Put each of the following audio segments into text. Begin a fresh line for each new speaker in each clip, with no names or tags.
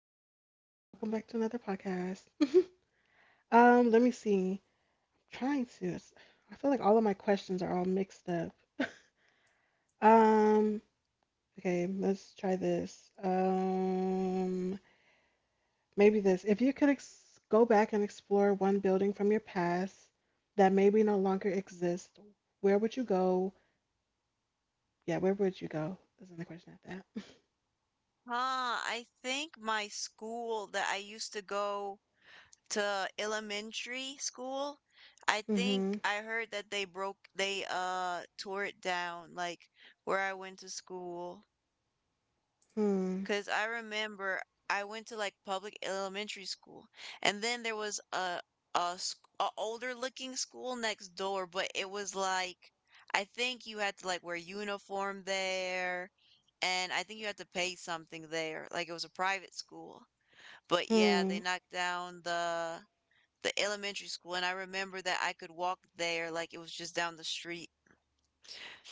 everybody. Welcome back to another podcast. Let me see. I'm trying to. I feel like all of my questions are all mixed up. Um. Okay. Let's try this. If you could go back and explore one building from your past that maybe no longer exists, where would you go? Yeah, where would you go? Is another question at that.
Huh, I think my school that I used to go to elementary school, I think
Mm-hmm.
I heard that they tore it down, like where I went to school.
Hmm.
Because I remember I went to like public elementary school, and then there was a older looking school next door, but it was like I think you had to like wear uniform there, and I think you had to pay something there. Like it was a private school, but yeah, they
Hmm.
knocked down the elementary school, and I remember that I could walk there like it was just down the street.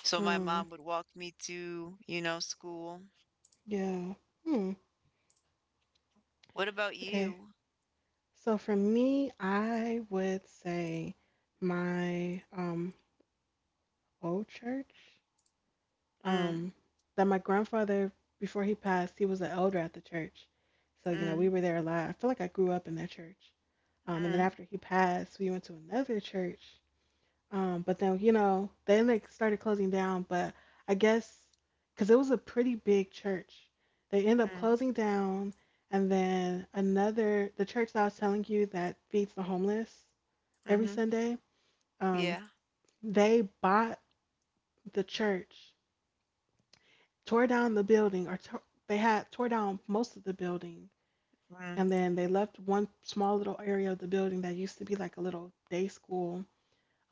So my
Hmm.
mom would walk me to, you know, school.
Yeah. Hmm.
What about
Okay.
you?
So for me, I would say my old church.
Mm,
Um that my grandfather before he passed, he was an elder at the church. So, you know, we
mm.
were there a lot. I feel like I grew up in that church. And then
Mm,
after he passed, we went to another church. But then, you know, then they started closing down, but I guess cuz it was a pretty big church. They end up
mm,
closing down, and then another the church that I was telling you that feeds the homeless every
mhm,
Sunday, um,
yeah.
they bought the church, tore down the building, or they had tore down most of the building,
Mm,
and then they left one small little area of the building that used to be like a little day school,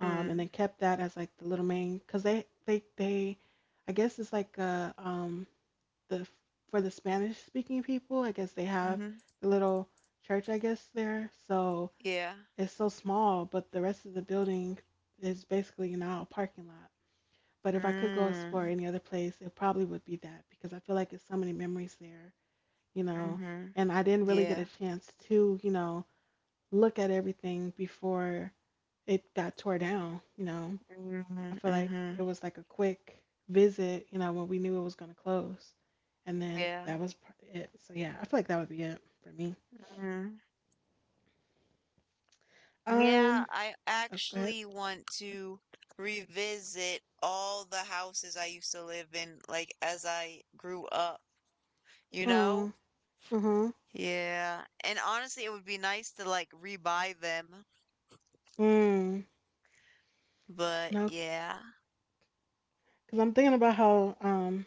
and they
mm,
kept that as like the little main, cause they, I guess it's like the for the Spanish speaking people, I guess they have
mhm,
the little church, I guess there, so
yeah.
it's so small, but the rest of the building is basically now a parking lot. But if I could go explore
Mm,
any other place, it probably would be that because I feel like it's so many memories there, you know.
mhm,
And I didn't really get a
yeah.
chance to, you know, look at everything before it got tore down. I
Mhm,
feel like it
mhm,
was like a quick visit, when we knew it was going to close. And then
yeah.
that was it. So yeah, I feel like that would be it for me.
Mhm. Yeah,
Um,
I
oh, go ahead.
actually want to revisit all the houses I used to live in, like as I grew up, you know?
Oh, uh-huh.
Yeah. And honestly, it would be nice to like rebuy them,
Mm,
but
no,
yeah.
because I'm thinking about how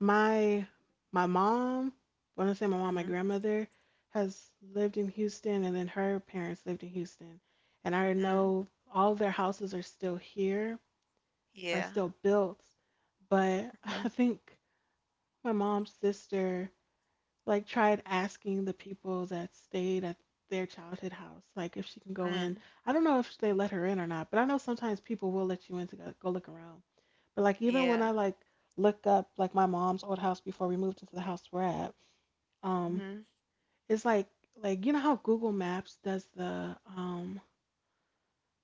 My my mom, when I say my mom, my
Mm-hmm.
grandmother has lived in Houston, and then her parents lived in Houston, and I
Mm,
know all of their houses are still here, are
yeah.
still built, but
Mm-hmm.
I think my mom's sister like tried asking the people that stayed at their childhood house like if she can go in.
Mm,
I don't know if they let her in or not, but I know sometimes people will let you in to go look around. But like even
yeah.
when I like look up like my mom's old house before we moved into the house we're at, um,
Mm-hmm.
it's like you know how Google Maps does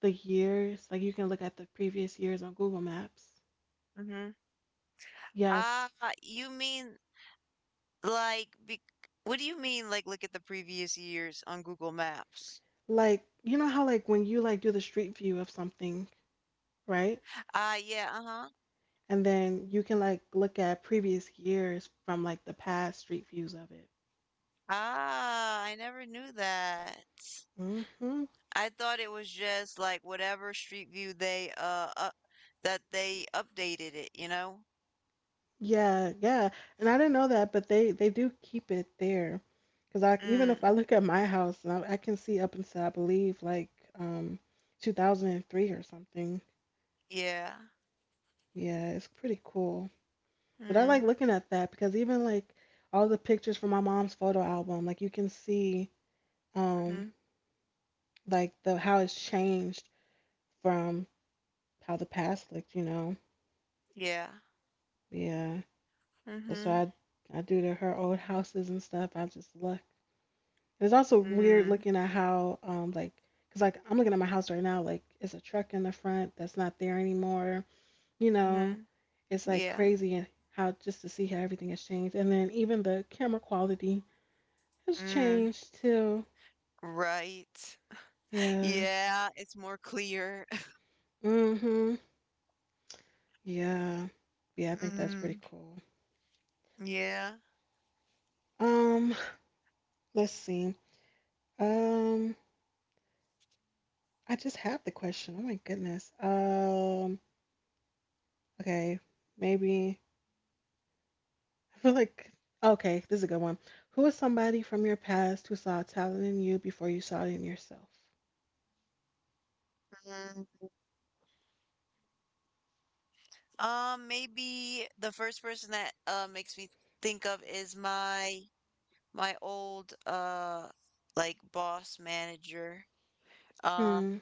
the years, like you can look at the previous years on Google Maps.
Mm-hmm.
Yes.
Ah, you mean like bec what do you mean like look at the previous years on Google Maps?
Like you know how like when you like do the street view of something, right?
Ah, yeah, uh-huh.
And then you can like look at previous years from like the past street views of it.
Ah, I never knew that.
Hmm.
I thought it was just like whatever street view they up, that they updated it, you know?
Yeah, yeah. And I didn't know that, but they do keep it there. Cause I even if I
Mm,
look at my house, and I can see up until I believe like um 2003 or something.
yeah.
Yeah, it's pretty cool. But I like
Mm,
looking at that because even like all the pictures from my mom's photo album, like you can see um
mm-hmm.
like the how it's changed from how the past looked, you know.
Yeah.
Yeah. That's
Mm-hmm.
why I do to her old houses and stuff. I just look. And it's also weird
Mm,
looking at how, like, because like I'm looking at my house right now, like it's a truck in the front that's not there anymore. You know,
mm-hmm.
it's like
Yeah.
crazy and how just to see how everything has changed, and then even the camera quality has
Mm,
changed too.
right.
Yeah.
Yeah, it's more clear.
Mhm. Yeah. Yeah. I think that's pretty
Mm.
cool.
Yeah.
Um, let's see. Um, I just had the question. Oh my goodness. Okay, maybe. I feel like, okay, this is a good one. Who is somebody from your past who saw talent in you before you saw it in yourself?
Mm. Maybe the first person that makes me think of is my old like boss manager. Um,
Hmm.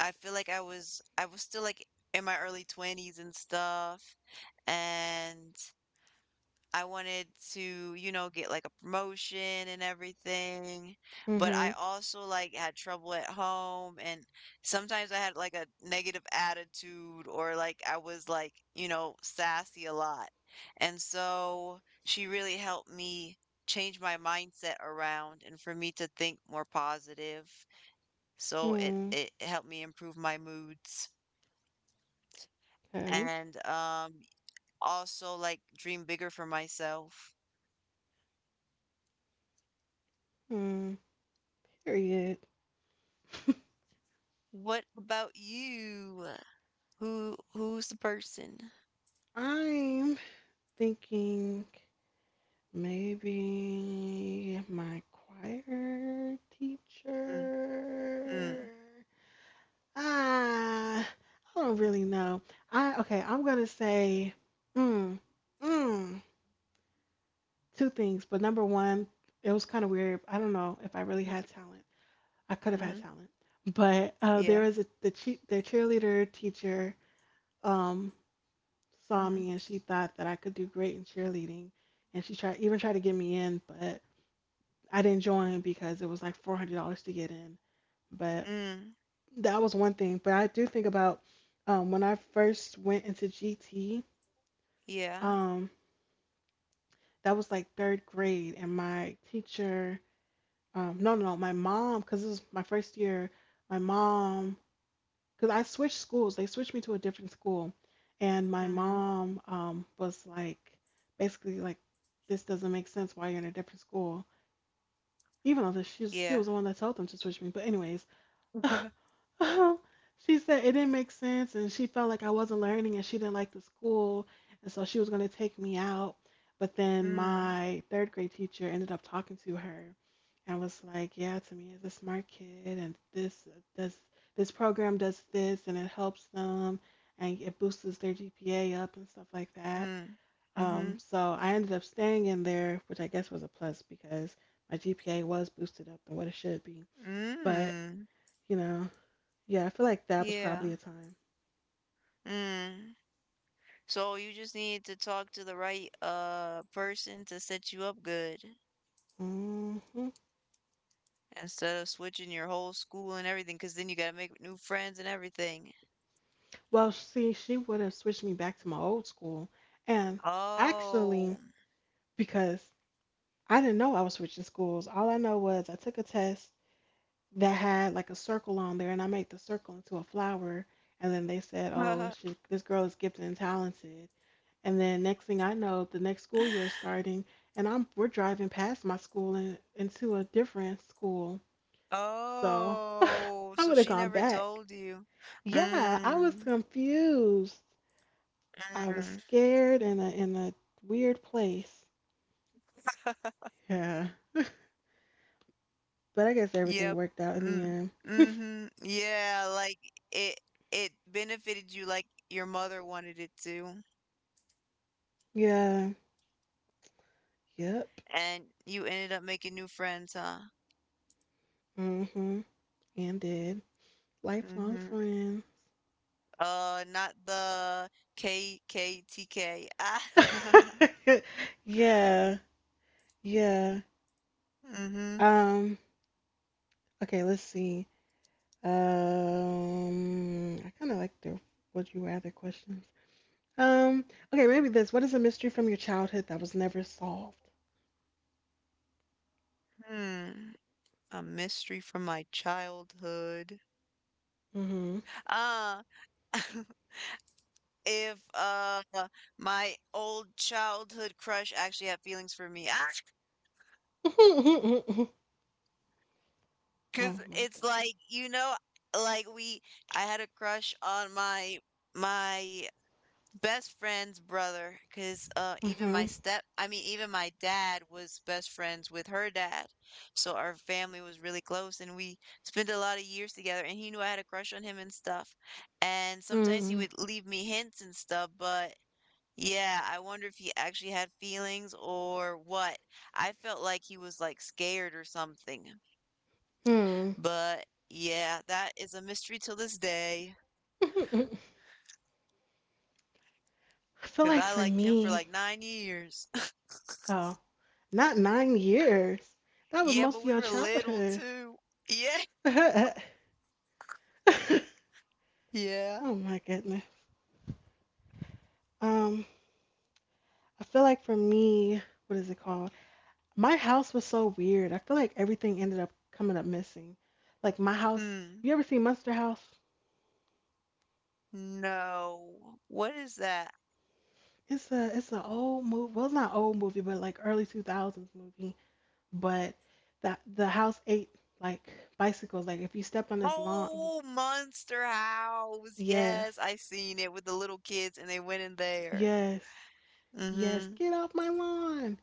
I feel like I was still like in my early 20s and stuff. And I wanted to, you know, get like a promotion and everything, but I
Mm-hmm.
also like had trouble at home and sometimes I had like a negative attitude or like I was like, you know, sassy a lot. And so she really helped me change my mindset around and for me to think more positive. So it
Hmm.
it helped me improve my moods
Okay.
and also like dream bigger for myself.
Hmm. Period.
What about you? Who's the person?
I'm thinking maybe my choir
Mm,
teacher.
mm,
Ah, I don't really know. I Okay. I'm gonna say. Hmm. Two things, but number one, it was kind of weird. I don't know if I really
mm
had talent. I could have had
mhm,
talent, but there
yeah,
was a the their cheerleader teacher um, saw
mhm,
me and she thought that I could do great in cheerleading, and she tried even tried to get me in, but I didn't join because it was like $400 to get in. But
mm,
that was one thing. But I do think about when I first went into GT.
yeah,
Um, that was like third grade, and my teacher no, no, no, my mom, because this was my first year. My mom, because I switched schools, they switched me to a different school, and
Mm
my
mhm,
mom was like, basically like, this doesn't make sense why you're in a different school, even though that she
yeah,
was the one that told them to switch me. But anyways, she said it didn't make sense, and she felt like I wasn't learning, and she didn't like the school, and so she was gonna take me out. But then
mm,
my third grade teacher ended up talking to her and was like, "Yeah, Tamia's a smart kid, and this program does this, and it helps them, and it boosts their GPA up and stuff like that."
mm, mhm,
So I ended up staying in there, which I guess was a plus because my GPA was boosted up than what it should be. But
mm,
you know, yeah, I feel like that was
yeah,
probably a time.
mm. So you just need to talk to the right person to set you up good
Hmm.
instead of switching your whole school and everything, because then you gotta make new friends and everything.
Well, see, she would have switched me back to my old school, and
Oh.
actually, because I didn't know I was switching schools. All I know was I took a test that had like a circle on there, and I made the circle into a flower. And then they said, "Oh, she, this girl is gifted and talented." And then next thing I know, the next school year is starting, and I'm we're driving past my school and into a different school. So
Oh,
I
so
would have
she
gone
never
back.
told you.
Yeah, I was
Mm,
confused. I was
mm.
scared in a weird place. Yeah, but I guess everything
Yep.
worked out in the
Mm,
end.
mm-hmm. Yeah, like it it benefited you like your mother wanted it to,
Yeah. Yep.
and you ended up making new friends, huh?
Mhm. And did. Lifelong
Mm-hmm.
friend.
Not the KKTK. Ah.
Yeah, yeah.
Mm-hmm.
Um, okay, let's see. I kind of like the would you rather questions. Um, okay, maybe this. What is a mystery from your childhood that was never solved?
Hmm. A mystery from my childhood.
Mm-hmm.
Ah. If my old childhood crush actually had feelings for me. Ah, 'cause
Oh my
it's like, you know, like we I had a crush on my best friend's brother, 'cause
god.
even my
Mm-hmm.
step I mean even my dad was best friends with her dad. So our family was really close and we spent a lot of years together and he knew I had a crush on him and stuff. And sometimes he would leave me hints and stuff, but yeah, I wonder if he actually had feelings or what. I felt like he was like scared or something.
Mm-hmm.
But yeah, that is a mystery till this day
Hmm. I feel
because
like
I
for
liked him for
me,
like 9 years.
oh, not 9 years. That was
Yeah,
most
but
of
we
your
were little
childhood.
too. Yeah.
Oh
Yeah.
my goodness. Um, I feel like for me, what is it called? My house was so weird. I feel like everything ended up coming up missing. Like my house,
Mm.
you ever seen Monster House?
No. What is that?
It's a it's an old movie. Well, it's not old movie, but like early 2000s movie. But that the house ate like bicycles. Like if you stepped on his lawn,
Oh, Monster House.
yes,
Yes, I seen it with the little kids and they went in there.
yes, yes,
Mm-hmm.
get off my lawn.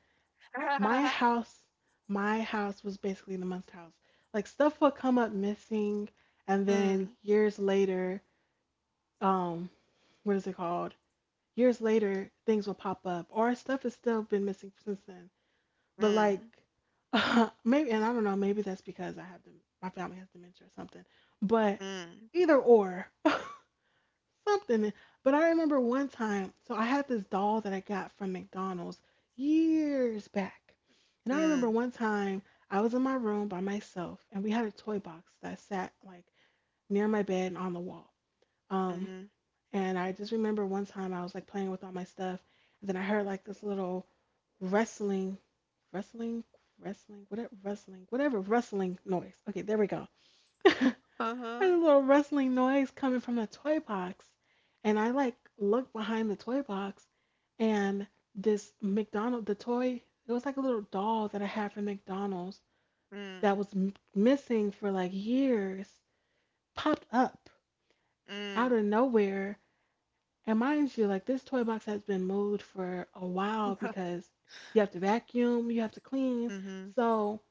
my house my house was basically the monster house, like stuff would come up missing, and then
Mm,
years later, um what is it called, years later things will pop up or stuff has still been missing since then, but like
mm,
maybe and I don't know maybe that's because I have dem my family has dementia or something, but
mm,
either or something. But I remember one time, so I had this doll that I got from McDonald's years back. And I remember
mm.
one time I was in my room by myself and we had a toy box that sat like near my bed and on the wall. Um,
Mhm.
and I just remember one time I was like playing with all my stuff and then I heard like this little wrestling, wrestling, wrestling noise. Okay, there we go. Heard
Uh-huh.
a little rustling noise coming from the toy box. And I like looked behind the toy box and the toy, it was like a little doll that I had from McDonald's that
Mm,
was missing for like years, popped up out
mm,
of nowhere. And mind you, like this toy box has been moved for a while because you have to vacuum, you have to clean.
mhm,
So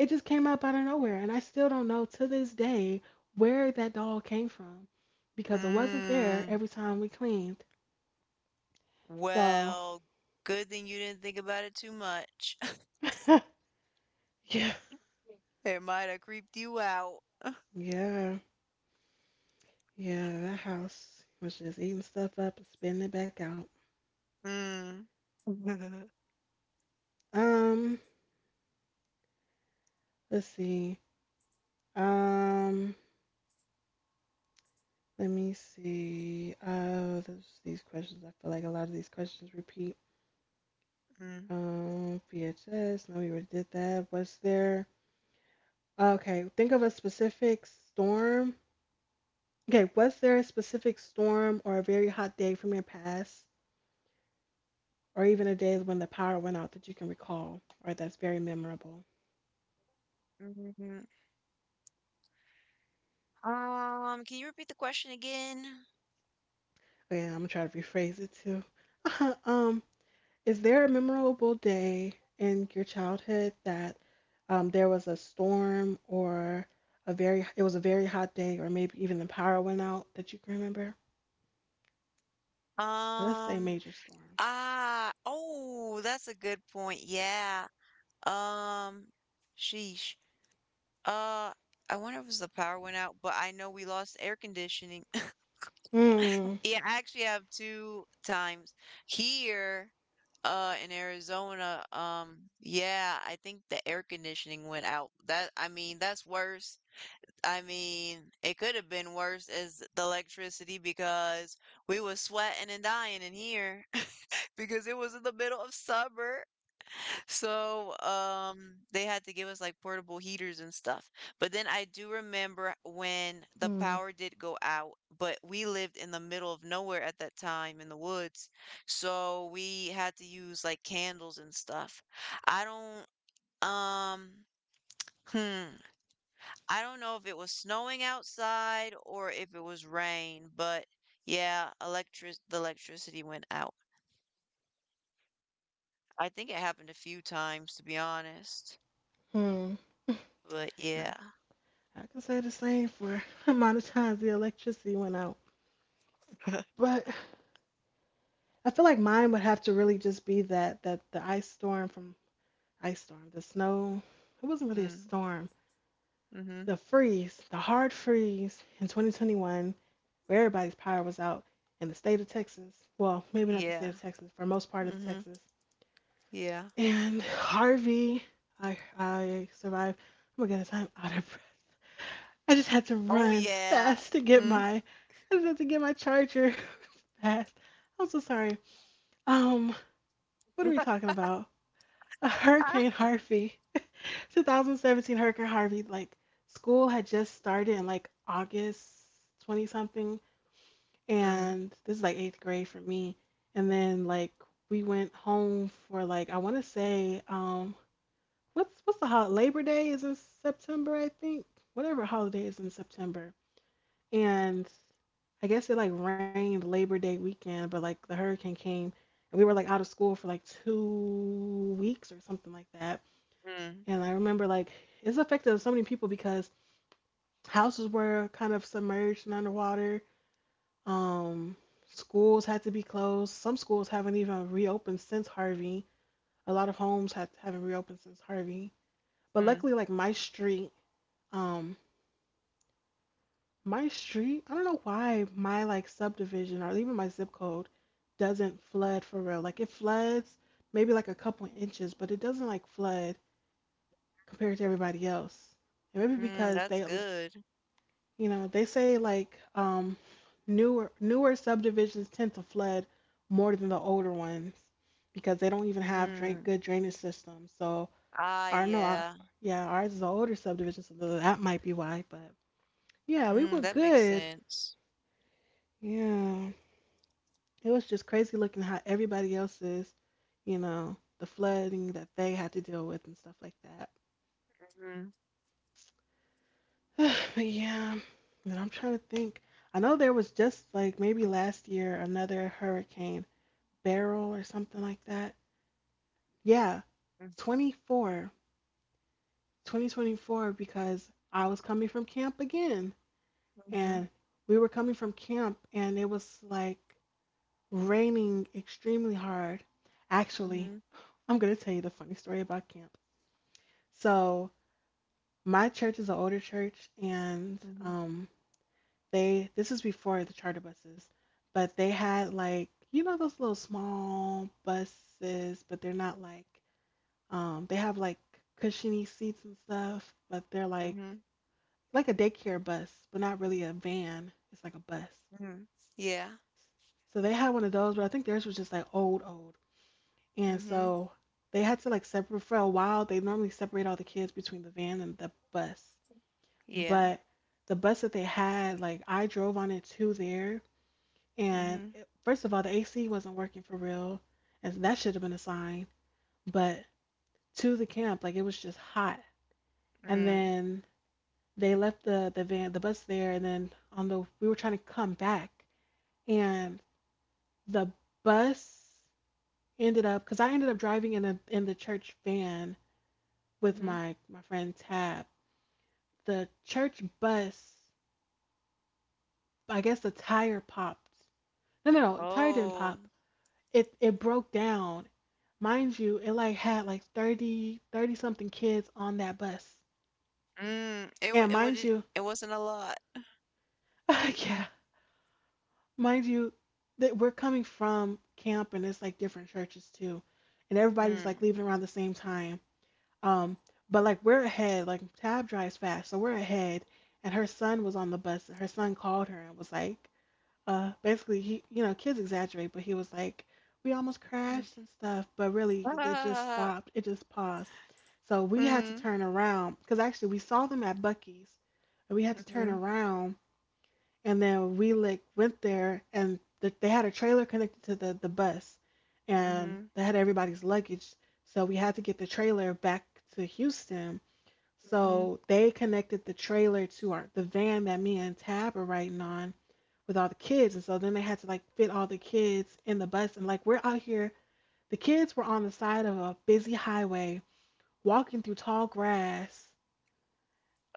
it just came up out of nowhere, and I still don't know to this day where that dog came from because it wasn't there
mm.
every time we cleaned. So,
Well, good thing you didn't think about it too much.
yeah,
It might have creeped you out.
yeah, yeah, that house was just eating stuff up and spitting it back out.
Mm,
Um, let's see. Um, let me see. These questions, I feel like a lot of these questions repeat.
mm,
PHS. No, we already did that. What's there? Okay, think of a specific storm Okay, was there a specific storm or a very hot day from your past, or even a day when the power went out that you can recall, or that's very memorable?
mhm. Can you repeat the question again?
Okay, I'm gonna try to rephrase it too. um, is there a memorable day in your childhood that there was a storm or a very it was a very hot day, or maybe even the power went out that you can remember? Now, let's say
Um,
major storm.
ah, oh, that's a good point. Yeah. Um, sheesh. Uh, I wonder if it was the power went out, but I know we lost air conditioning.
Hmm.
Yeah, I actually have two times here in Arizona. Yeah, I think the air conditioning went out. That that's worse. I mean, it could have been worse as the electricity because we was sweating and dying in here because it was in the middle of summer, so, they had to give us like portable heaters and stuff. But then I do remember when the
Hmm.
power did go out, but we lived in the middle of nowhere at that time in the woods. So we had to use like candles and stuff. I don't, um, hmm, I don't know if it was snowing outside or if it was rain, but yeah, electric the electricity went out. I think it happened a few times, to be honest.
Hmm. And
But yeah.
I, I can say the same for amount of times the electricity went out. But I feel like mine would have to really just be that the ice storm from ice storm, the snow. It wasn't really a
Mm,
storm.
mhm.
The freeze, the hard freeze in 2021, where everybody's power was out in the state of Texas. Well, maybe not the state
Yeah.
of Texas, for most part of
Mhm.
Texas.
Yeah.
And Harvey, I survived. Oh my goodness, I'm out of breath. I just had to
Oh,
run
yeah.
fast to get
Mm.
my I just had to get my charger fast. I'm so sorry. Um, what are we talking about? A Hurricane
Ah.
Harvey, 2017 Hurricane Harvey, like school had just started in like August 20 something,
Mm,
and this is like eighth grade for me. And then like we went home for like I want to say what's the holiday? Labor Day is in September, I think. Whatever holiday is in September, and I guess it like rained Labor Day weekend, but like the hurricane came, and we were like out of school for like 2 weeks or something like that.
mm,
And I remember like it's affected so many people because houses were kind of submerged and underwater. Um, schools had to be closed. Some schools haven't even reopened since Harvey. A lot of haven't reopened since Harvey. But
mm,
luckily, like um, my street, I don't know why my like subdivision or even my zip code doesn't flood for real. Like it floods maybe like a couple inches, but it doesn't like flood compared to everybody else. And maybe
mm,
because
that's
they
good.
you know, they say like newer subdivisions tend to flood more than the older ones because they don't even have
Mm.
good drainage systems. So
Ah,
I don't know. I,
yeah.
yeah, ours is an older subdivision, so that might be why. But yeah, we were
Mm, that makes
good.
sense.
Yeah, it was just crazy looking how everybody else's, you know, the flooding that they had to deal with and stuff like that.
Mhm.
But yeah, and I'm trying to think. I know there was just like maybe last year another hurricane barrel or something like that. Yeah,
Mm,
24, 2024, because I was coming from camp again.
Mhm.
And we were coming from camp, and it was like raining extremely hard. Actually,
Mhm.
I'm going to tell you the funny story about camp. So, my church is an older church, and
Mhm.
um, this is before the charter buses, but they had like, you know, those little small buses, but they're not like they have like cushiony seats and stuff, but they're
Mhm.
like a daycare bus, but not really a van. It's like a bus.
Mhm. Yeah.
So they had one of those, but I think theirs was just like old, old. And
Mhm.
so they had to like separate for a while. They normally separate all the kids between the van and the bus.
Yeah.
But the bus that they had, like I drove on it to there. And
Mhm.
it, first of all, the AC wasn't working for real. And that should have been a sign. But to the camp, like it was just hot. And
Mm.
then they left the bus there, and then on the we were trying to come back and the bus ended up because I ended up driving in the church van with
Mhm.
my friend Tab. The church bus, I guess the tire popped. No, Tire didn't
Oh.
pop. It broke down. Mind you, it like had like 30 something kids on that bus.
Mm. It wa-
And
it
mind
wouldn't
you,
it wasn't a lot.
yeah, mind you, that we're coming from camp and it's like different churches too, and everybody's like
Mm.
leaving around the same time. Um, but like we're ahead. Like Tab drives fast, so we're ahead. And her son was on the bus. And her son called her and was like, basically he, you know, kids exaggerate, but he was like, we almost
Mm.
crashed and stuff, but really it just
Ah.
stopped. It just paused. So we had to
Mm.
turn around because actually we saw them at Bucky's and we had to turn
Mhm.
around, and then we like went there and they had a trailer connected to the bus, and
Mhm.
they had everybody's luggage, so we had to get the trailer back to Houston,
Mhm.
so they connected the trailer to our the van that me and Tab are riding on with all the kids, and so then they had to like fit all the kids in the bus, and like we're out here the kids were on the side of a busy highway walking through tall grass,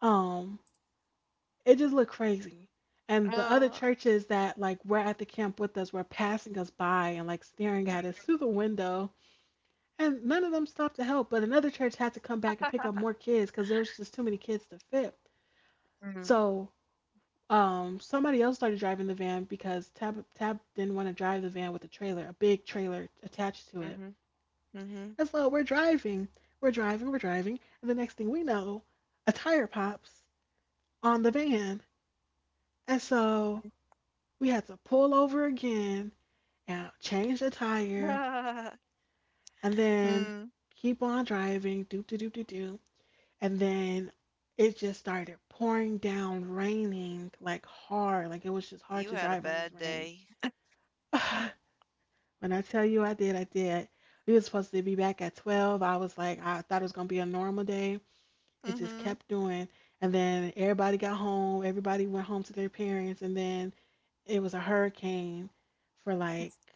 um, it just looked crazy. And the other
Uh,
churches that like were at the camp with us were passing us by and like staring at us through the window. And none of them stopped to help, but another church had to come back and pick up more kids because there was just too many kids to fit.
mm,
So somebody else started driving the van because Tab didn't want to drive the van with a trailer, a big trailer attached to it.
mhm, mhm.
And so we're driving, and the next thing we know, a tire pops on the van. And so we had to pull over again and change the tire and then
Mm,
keep on driving, doop de doo. And then it just started pouring down, raining like hard. Like it was just hard
you
to
had a
drive in this
bad
rain.
day.
When I tell you I did, I did. We were supposed to be back at 12. I was like, I thought it was going to be a normal day. It just
Hmm
kept doing. And then everybody got home. Everybody went home to their parents. And then it was a hurricane for like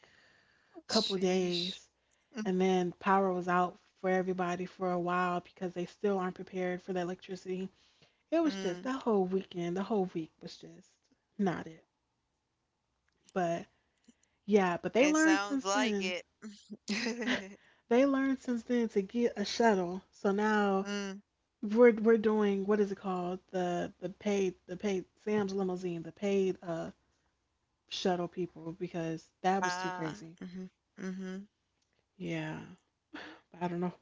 a couple
Sheesh.
days. And then power was out for everybody for a while because they still aren't prepared for the electricity. It was just
Mm,
that whole weekend, the whole week was just not it. But yeah, but they
it
learned
sounds
since
like
then.
it.
They learned since then to get a shuttle. So now
Mm,
we're doing what is it called? The paid Sam's limousine, the paid shuttle people because that was too
ah,
crazy.
hmm hmm
Yeah. But I don't know.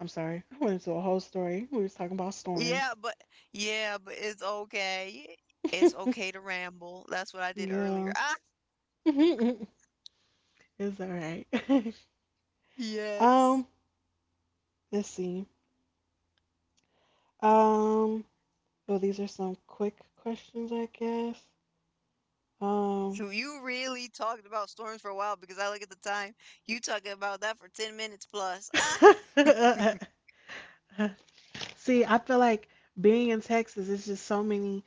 I'm sorry. I went into a whole story. We was talking about
Yeah,
storms.
but yeah, but it's okay. It's okay to ramble. That's what I did earlier.
Yeah.
Ah,
It's all right.
yes.
Um, let's see. Um, well, these are some quick questions, I guess. Um,
So you really talked about storms for a while because I look at the time. You talking about that for 10 minutes plus. Ah,
see, I feel like being in Texas, it's just so many,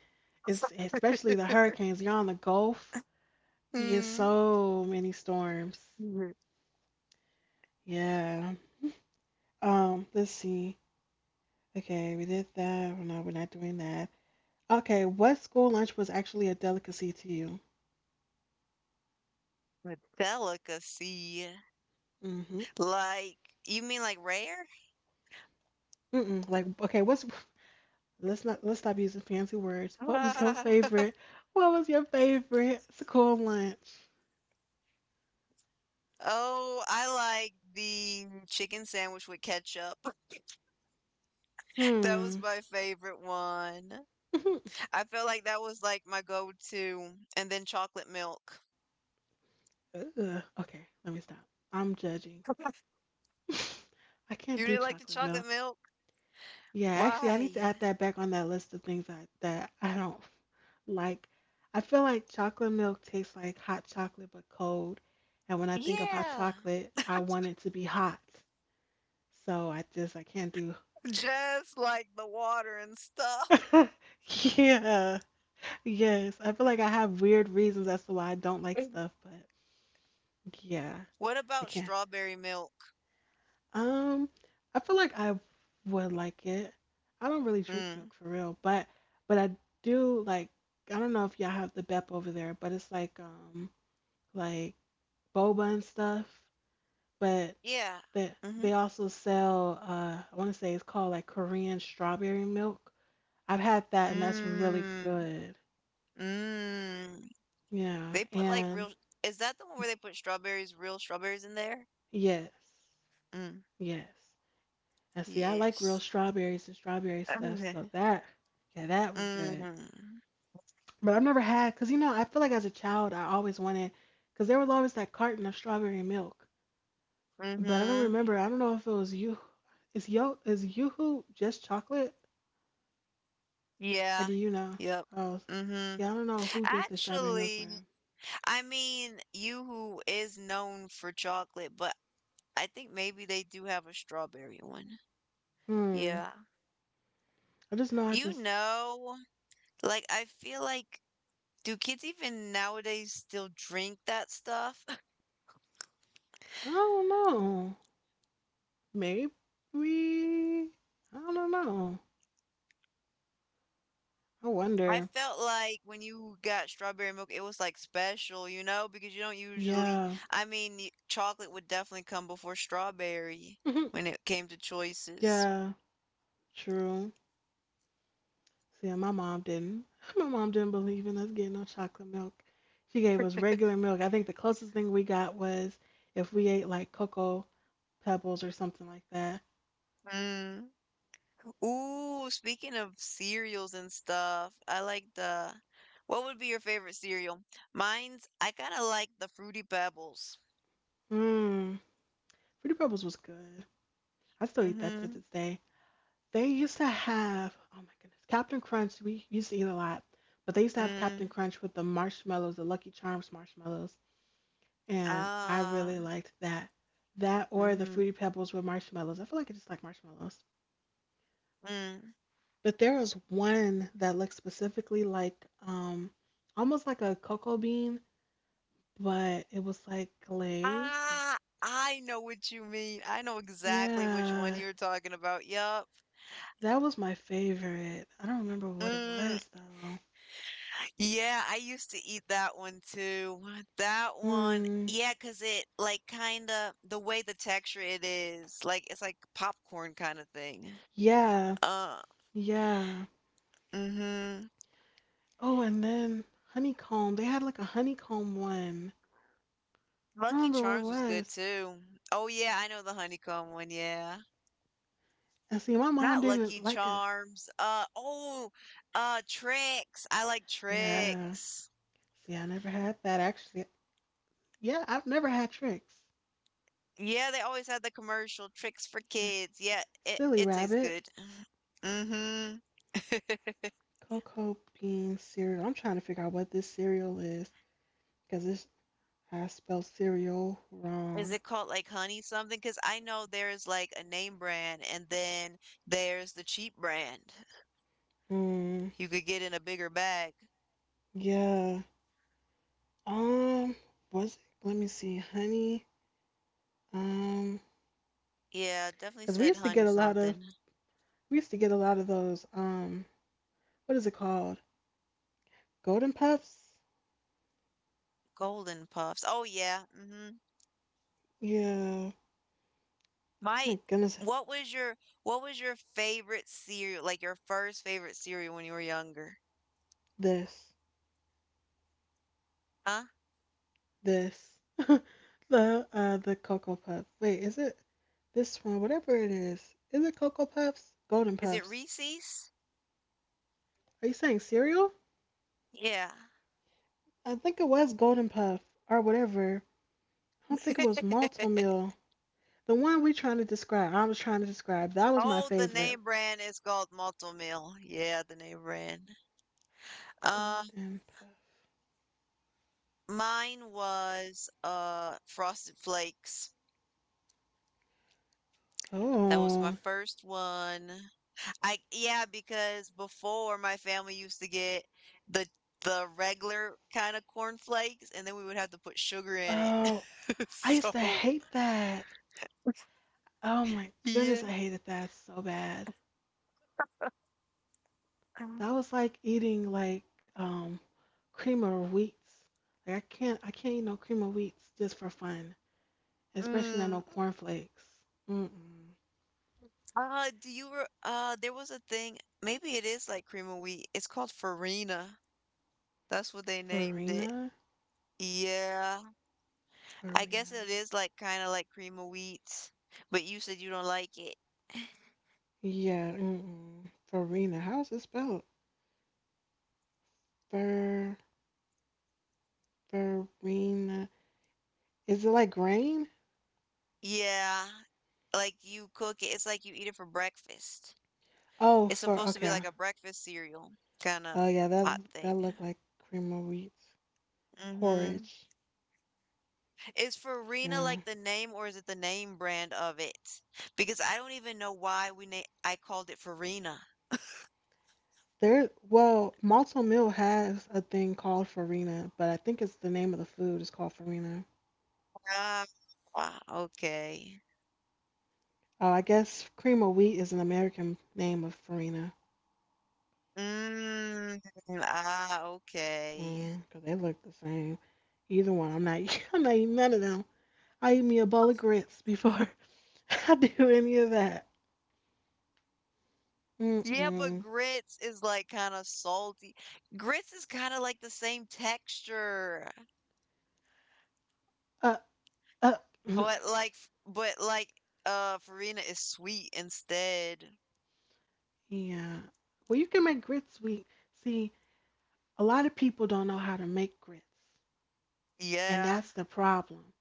it's especially the hurricanes. You're on the Gulf, you get
Mm.
so many storms.
Mhm.
Yeah. Let's see. Okay, we did that. Well, no, we're not doing that. Okay, what school lunch was actually a delicacy to
A delicacy.
you?
Like, you mean like rare?
Mm-mm. Like, okay, what's let's not let's stop using fancy words. What was your favorite? What was your favorite school lunch?
Oh, I like the chicken sandwich with ketchup. That was
Hmm.
my favorite one. I felt like that was like my go-to. And then chocolate milk.
Ugh. Okay, let me stop. I'm judging. I can't
You
do
didn't like the
chocolate
chocolate
milk.
milk?
Yeah, actually, I need to
Why?
add that back on that list of things that I don't like. I feel like chocolate milk tastes like hot chocolate but cold, and when I think of hot
Yeah.
chocolate, I want it to be hot. So I can't do.
Just like the water and stuff.
Yeah. Yes. I feel like I have weird reasons as to why I don't like stuff, but yeah,
What
I
about
can't.
strawberry milk?
Um, I feel like I would like it. I don't really drink
Mm.
milk for real, but I do like I don't know if y'all have the BEP over there, but it's like boba and stuff, but
Yeah.
they
Mhm.
they also sell I want to say it's called like Korean strawberry milk. I've had that and that's really
Mm,
good.
mm.
Yeah,
They put like
and
real. Is that the one where they put strawberries, real strawberries in there?
yes.
Mm.
Yes. And see, I like real
Yes.
strawberries and strawberry stuff. So
Okay.
that, yeah, that was good.
Mm.
But I've never had, because, you know, I feel like as a child, I always wanted, because there was always that carton of strawberry milk. But I don't
Mm-hmm.
remember. I don't know if it was you. Is Yoo-Hoo just chocolate, or
Yeah.
do you know?
Yep.
Oh,
Mm-hmm.
see, I don't know who did the strawberry milk
Actually,
brand.
I mean, Yoo-hoo is known for chocolate, but I think maybe they do have a strawberry one.
Hmm.
Yeah.
I just know. I
You
just.
know, like I feel like do kids even nowadays still drink that stuff?
I don't know. Maybe. I don't know. I
I
wonder.
felt like when you got strawberry milk, it was like special, you know, because you don't usually,
Yeah.
I mean, chocolate would definitely come before strawberry
Mhm.
when it came to choices.
Yeah. True. See, and my mom didn't. My mom didn't believe in us getting no chocolate milk. She gave us regular milk. I think the closest thing we got was if we ate like cocoa pebbles or something like that.
Mm. Ooh, speaking of cereals and stuff, what would be your favorite cereal? Mine's, I kind of like the Fruity Pebbles.
Mmm. Fruity pebbles was good. I still eat that to
Mm-hmm.
this day. They used to have oh my goodness. Captain Crunch we used to eat a lot. But they used to have Captain
Mm.
Crunch with the marshmallows, the Lucky Charms marshmallows, and I
Ah.
really liked that. That or the
Mm-hmm.
Fruity Pebbles with marshmallows. I feel like I just like marshmallows.
Mm.
But there was one that looked specifically like um almost like a cocoa bean, but it was like glazed.
Ah, I know what you mean. I know exactly which one
Yeah,
you're talking about. Yup.
that was my favorite. I don't remember what it
Mm,
was though.
yeah, I used to eat that one too. That one,
Hmm.
yeah, 'cause it like kind of the way the texture it is, like it's like popcorn kind of thing.
Yeah.
Uh,
Yeah.
mm-hmm.
Oh, and then honeycomb. They had like a honeycomb one. I
Lucky
don't remember what
Charms was
it
good
was.
too. Oh yeah, I know the honeycomb one, yeah.
And see, my mom
Not
didn't
Lucky
like it.
Charms. Oh, Tricks. I like
Yeah.
Tricks.
See, I never had that actually. Yeah, I've never had tricks.
Yeah, they always had the commercial tricks for
Yeah.
kids. Yeah,
Silly
it tastes
Rabbit,
good. Mhm.
cocoa bean cereal. I'm trying to figure out what this cereal is because it's. I spelled cereal
Is
wrong.
it called like honey something? Because I know there's like a name brand and then there's the cheap brand.
Hmm.
You could get in a bigger bag.
Yeah. Um. Was it? Let me see. Honey. Um.
Yeah, definitely
Because we
said
used to
honey
get a lot of
something.
we used to get a lot of those. What is it called? Golden Puffs.
Golden Puffs. Oh yeah. hmm
Yeah. Oh
My,
my goodness.
what was your what was your favorite cereal? Like your first favorite cereal when you were younger?
This.
Huh?
This the cocoa puff. Wait, is it this one? Whatever it is it cocoa puffs? Golden
Is it
puffs?
Reese's?
Are you saying cereal?
Yeah.
I think it was golden puff or whatever. I don't think it was malto meal. The one we trying to describe. I was trying to describe. That was my
Oh, the
favorite.
name brand is called Malto Meal. Yeah, the name brand. Uh,
Golden puff.
mine was Frosted Flakes. That was my
Oh,
first one. I Yeah, because before my family used to get the the regular kind of corn flakes, and then we would have to put sugar in it.
oh, I used to
So
hate that. Oh my goodness,
yeah.
I hated that so bad. That
Um,
was like eating like um creamer of wheats. Like I can't eat no creamer of wheats just for fun. Especially not no
Mm.
cornflakes. Mm mm.
Do you re there was a thing, maybe it is like cream of wheat. It's called Farina. That's what they named it.
Farina?
Yeah, I guess
Farina.
it is like kind of like cream of wheat, but you said you don't like it.
Yeah, mm mm. Farina. How's it spelled? Far farina. Is it like grain?
Yeah, like you cook it, it's like you eat it for breakfast.
Oh,
It's
for
supposed to be
okay.
like a breakfast cereal kind of
Oh yeah, that
hot
that
thing.
looked like cream of wheat
Mm-hmm.
porridge.
Is Farina
Yeah.
like the name or is it the name brand of it? Because I don't even know why we na I called it Farina.
There, well, malto meal has a thing called farina, but I think it's the name of the food is called farina.
Ah, ah, okay.
Oh, I guess cream of wheat is an American name of farina.
Mm, ah, okay.
Mm, 'cause they look the same. Either one. I'm not. I'm not eating none of them. I eat me a bowl of grits before I do any of that.
Yeah, but
Mm-mm.
grits is like kind of salty. Grits is kind of like the same texture,
Uh, uh.
but like Farina is sweet instead.
Yeah. Well, you can make grits sweet. See, a lot of people don't know how to make grits, and
Yeah.
that's the problem.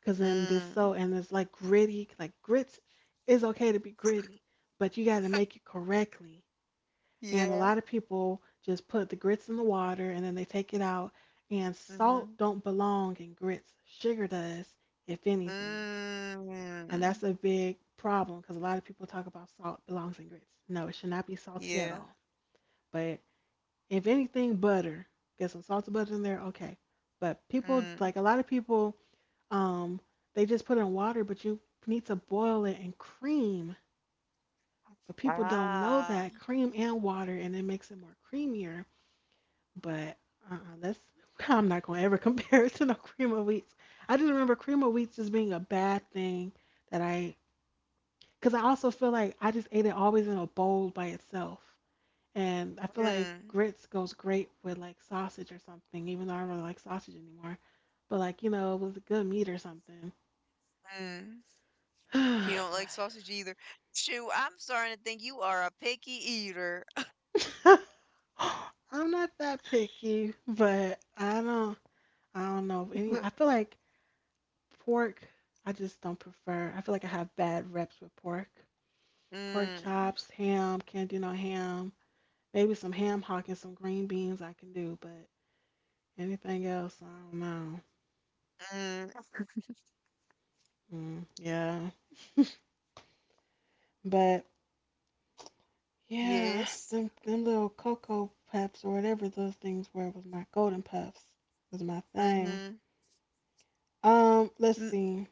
'Cause in this
Mm.
so and it's like gritty. Like grits is okay to be gritty, but you got to make it correctly, and a
Yeah.
lot of people just put the grits in the water and then they take it out, and
Mm-hmm.
salt don't belong in grits, sugar does, if anything, and
Mm.
that's a big problem because a lot of people talk about salt belongs in grits, no, it should not be salty at
Yeah.
all, but if anything butter, get some salted butter in there, okay, but people
Mm.
like a lot of people, um they just put it in water, but you need to boil it in cream, but people don't know
Ah.
that cream and water, and it makes it more creamier. But that's I'm not gonna ever compare it to no cream of wheats. I just remember cream of wheats as being a bad thing that I, because I also feel like I just ate it always in a bowl by itself, and I feel like
Mm.
grits goes great with like sausage or something, even though I don't really like sausage anymore. But like you know, it was a good meat or something.
Mm. You don't like
But
sausage either. Shoo, I'm starting to think you are a picky eater.
I'm not that picky, but I don't know any. I feel like Pork, I just don't prefer. I feel like I have bad reps with pork. Pork
Mm.
chops, ham, can't do no ham. Maybe some ham hock and some green beans I can do, but anything else, I don't know.
Mm.
Mm, yeah. But yeah,
Yes.
them little cocoa puffs or whatever those things were was my golden puffs. Was my thing.
Mm-hmm.
Let's see.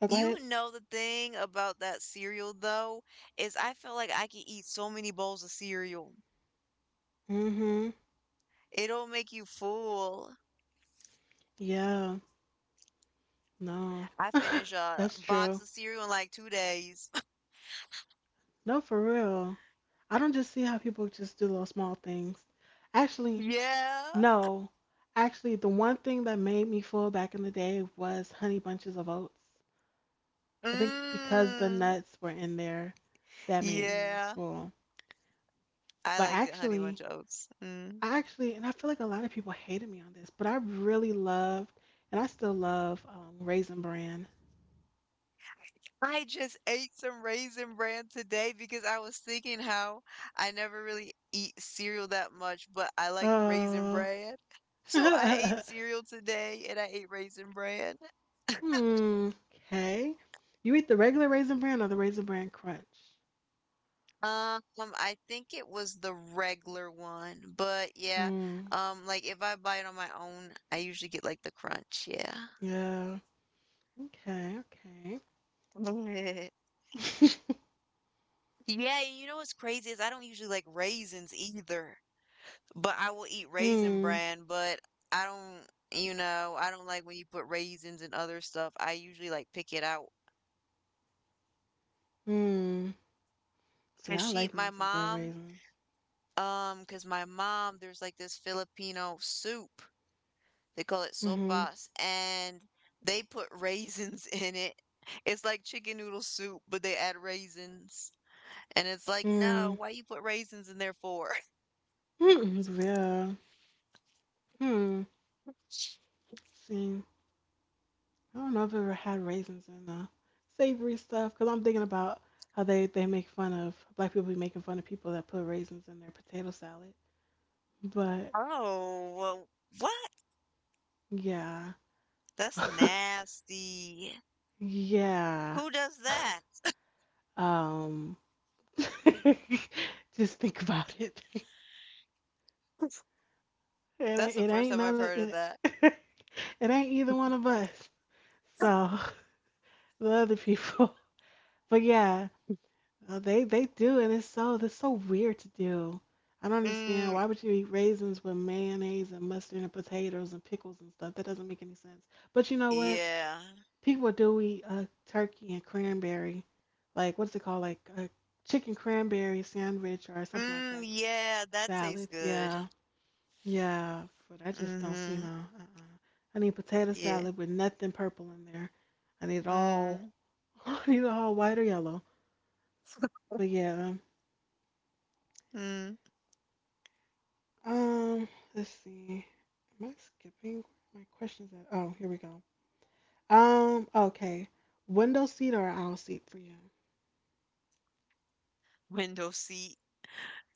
Oh, go
You
ahead.
know the thing about that cereal though is I feel like I can eat so many bowls of cereal.
Mhm.
It'll make you full.
Yeah. No.
I finish a
That's
box
true.
of cereal in like 2 days.
No, for real. I don't just see how people just do little small things. Actually,
Yeah.
no. Actually, the one thing that made me full back in the day was honey bunches of oats. I think because the
Mm.
nuts were in there, that made me more
Yeah.
full.
I
But
like the honey bunch
actually,
of oats. Mm.
I actually, and I feel like a lot of people hated me on this, but I really loved, and I still love Raisin Bran.
I just ate some Raisin Bran today because I was thinking how I never really eat cereal that much, but I liked Raisin
Oh.
Bran. So I ate cereal today and I ate Raisin Bran.
Hmm. Okay. You eat the regular Raisin Bran or the Raisin Bran Crunch?
I think it was the regular one, but yeah,
Hmm.
like if I buy it on my own, I usually get like the crunch, yeah.
Yeah. Okay. Okay.
Yeah, and what's crazy is I don't usually like raisins either, but I will eat Raisin
Hmm.
Bran, but I don't, I don't like when you put raisins and other stuff. I usually like pick it out.
Hmm. See,
Cause
I like me
my
some good
mom,
raisins.
cause my mom, there's like this Filipino soup. They call it
Mm-hmm.
sopas, and they put raisins in it. It's like chicken noodle soup, but they add raisins. And it's like, no,
Hmm.
why you put raisins in there for?
Mm-mm, yeah. Hmm. See, I don't know if I've ever had raisins in savory stuff because I'm thinking about how they make fun of black people be making fun of people that put raisins in their potato salad. But
Oh, well, what?
yeah.
That's nasty.
Yeah.
Who does that?
Um. Just think about it.
That's the
It
first
ain't
time I've
none of
heard of
it.
that.
It ain't either one of us. So the other people. But yeah, they do, and it's so that's so weird to do. I don't understand.
Mm,
Why would you eat raisins with mayonnaise and mustard and potatoes and pickles and stuff? That doesn't make any sense. But you know what?
yeah.
People do eat turkey and cranberry, like what's it called, like a chicken cranberry sandwich or something like
Mm,
that.
yeah, that tastes
Salads, yeah.
good.
Yeah, but I just don't see no.
Mm-hmm.
Uh-uh. I need potato
Yeah.
salad with nothing purple in there. I need it all.
Mm,
I need it all white or yellow. But yeah.
mm.
Um, let's see. Am I skipping my questions at? Oh, here we go. Okay. Window seat or aisle seat for you?
Window seat.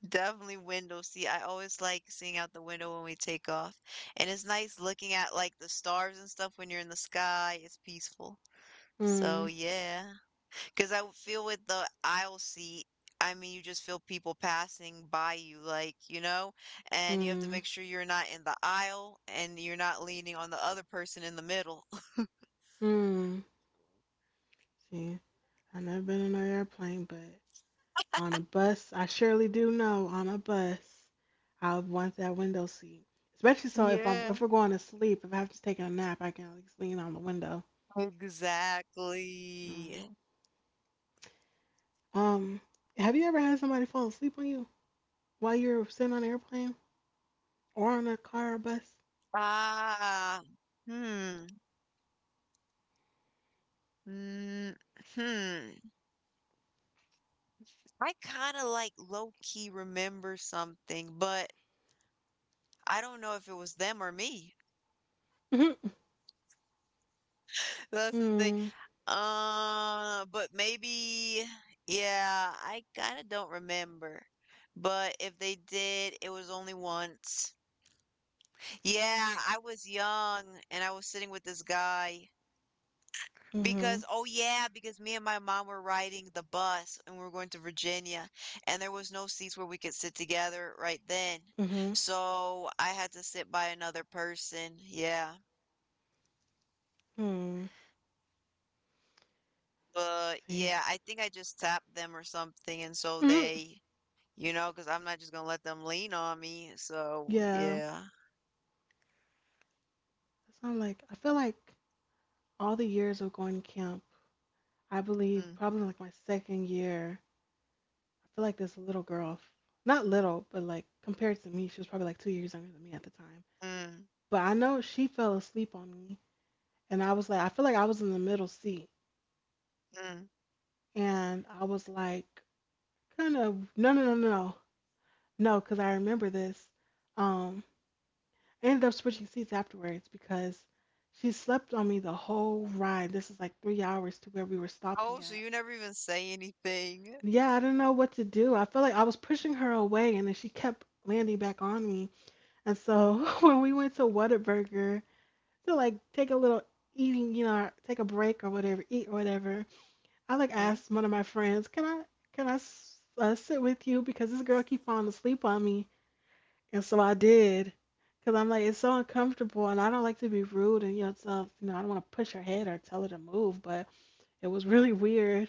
Definitely window seat. I always like seeing out the window when we take off. And it's nice looking at like the stars and stuff when you're in the sky. It's peaceful. So
Hmm.
yeah. Because I would feel with the aisle seat, I mean, you just feel people passing by you, like, and you have to
Hmm.
make sure you're not in the aisle and you're not leaning on the other person in the middle.
Hmm. See, I've never been on an airplane, but on a bus, I surely do know. On a bus, I would want that window seat, especially so if I'm
Yeah,
if we're going to sleep. If I have to take a nap, I can at least lean on the window. Mm.
exactly.
Um, have you ever had somebody fall asleep on you while you're sitting on an airplane or on a car or bus?
Ah, hmm. Mm, hmm. I kind of like low key remember something, but I don't know if it was them or me.
Mhm.
That's the thing.
Mm.
But maybe, yeah, I kind of don't remember. But if they did, it was only once. Yeah, I was young and I was sitting with this guy. Because
Mhm.
oh yeah, because me and my mom were riding the bus and we were going to Virginia and there was no seats where we could sit together right then.
Mhm.
So I had to sit by another person. Yeah.
Mhm.
But
See.
yeah, I think I just tapped them or something
Mhm.
because 'cause I'm not just gonna let them lean on me. So
Yeah.
yeah.
So I'm like, I feel like all the years of going to camp, I believe
Mm,
probably like my second year. I feel like this little girl, not little, but like compared to me, she was probably like 2 years younger than me at the time.
mm,
But I know she fell asleep on me, and I was like, I feel like I was in the middle seat,
mm.
and I was like, kind of, no, no, no, no, no, no, because I remember this. Um, I ended up switching seats afterwards because she slept on me the whole ride. This is like 3 hours to where we were
Oh,
stopping
so
at.
you never even say anything.
Yeah, I didn't know what to do. I felt like I was pushing her away, and then she kept landing back on me. And so when we went to Whataburger to like take a little eating, you know, take a break or whatever, eat or whatever, I like
Mm-hmm.
asked one of my friends, "Can I sit with you because this girl keep falling asleep on me?" And so I did, because I'm like it's so uncomfortable, and I don't like to be rude, and you know, so you know, I don't want to push her head or tell her to move, but it was really weird.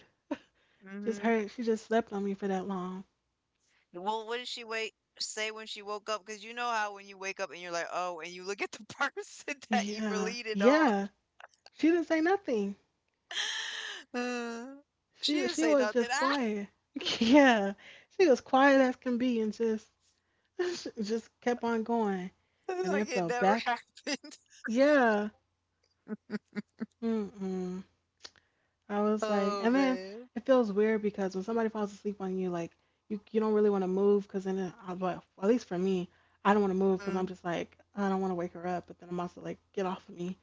Just
Mm-hmm.
her, she just slept on me for that long.
Well, what did she wait say when she woke up? Because you know how when you wake up and you're like, oh, and you look at the person that you
Yeah,
related on.
yeah. She didn't say nothing.
Uh, she
She
didn't
she
say
was
nothing.
just
Ah,
quiet. Yeah, she was quiet as can be and just just kept on going, and
like
then
it
fell
never
back.
happened.
Yeah. Mm-mm. I was like,
Oh
and then
man.
it feels weird because when somebody falls asleep on you, like you don't really want to move because but at least for me, I don't want to move because
Mm,
I'm just like I don't want to wake her up, but then I'm also like get off of me.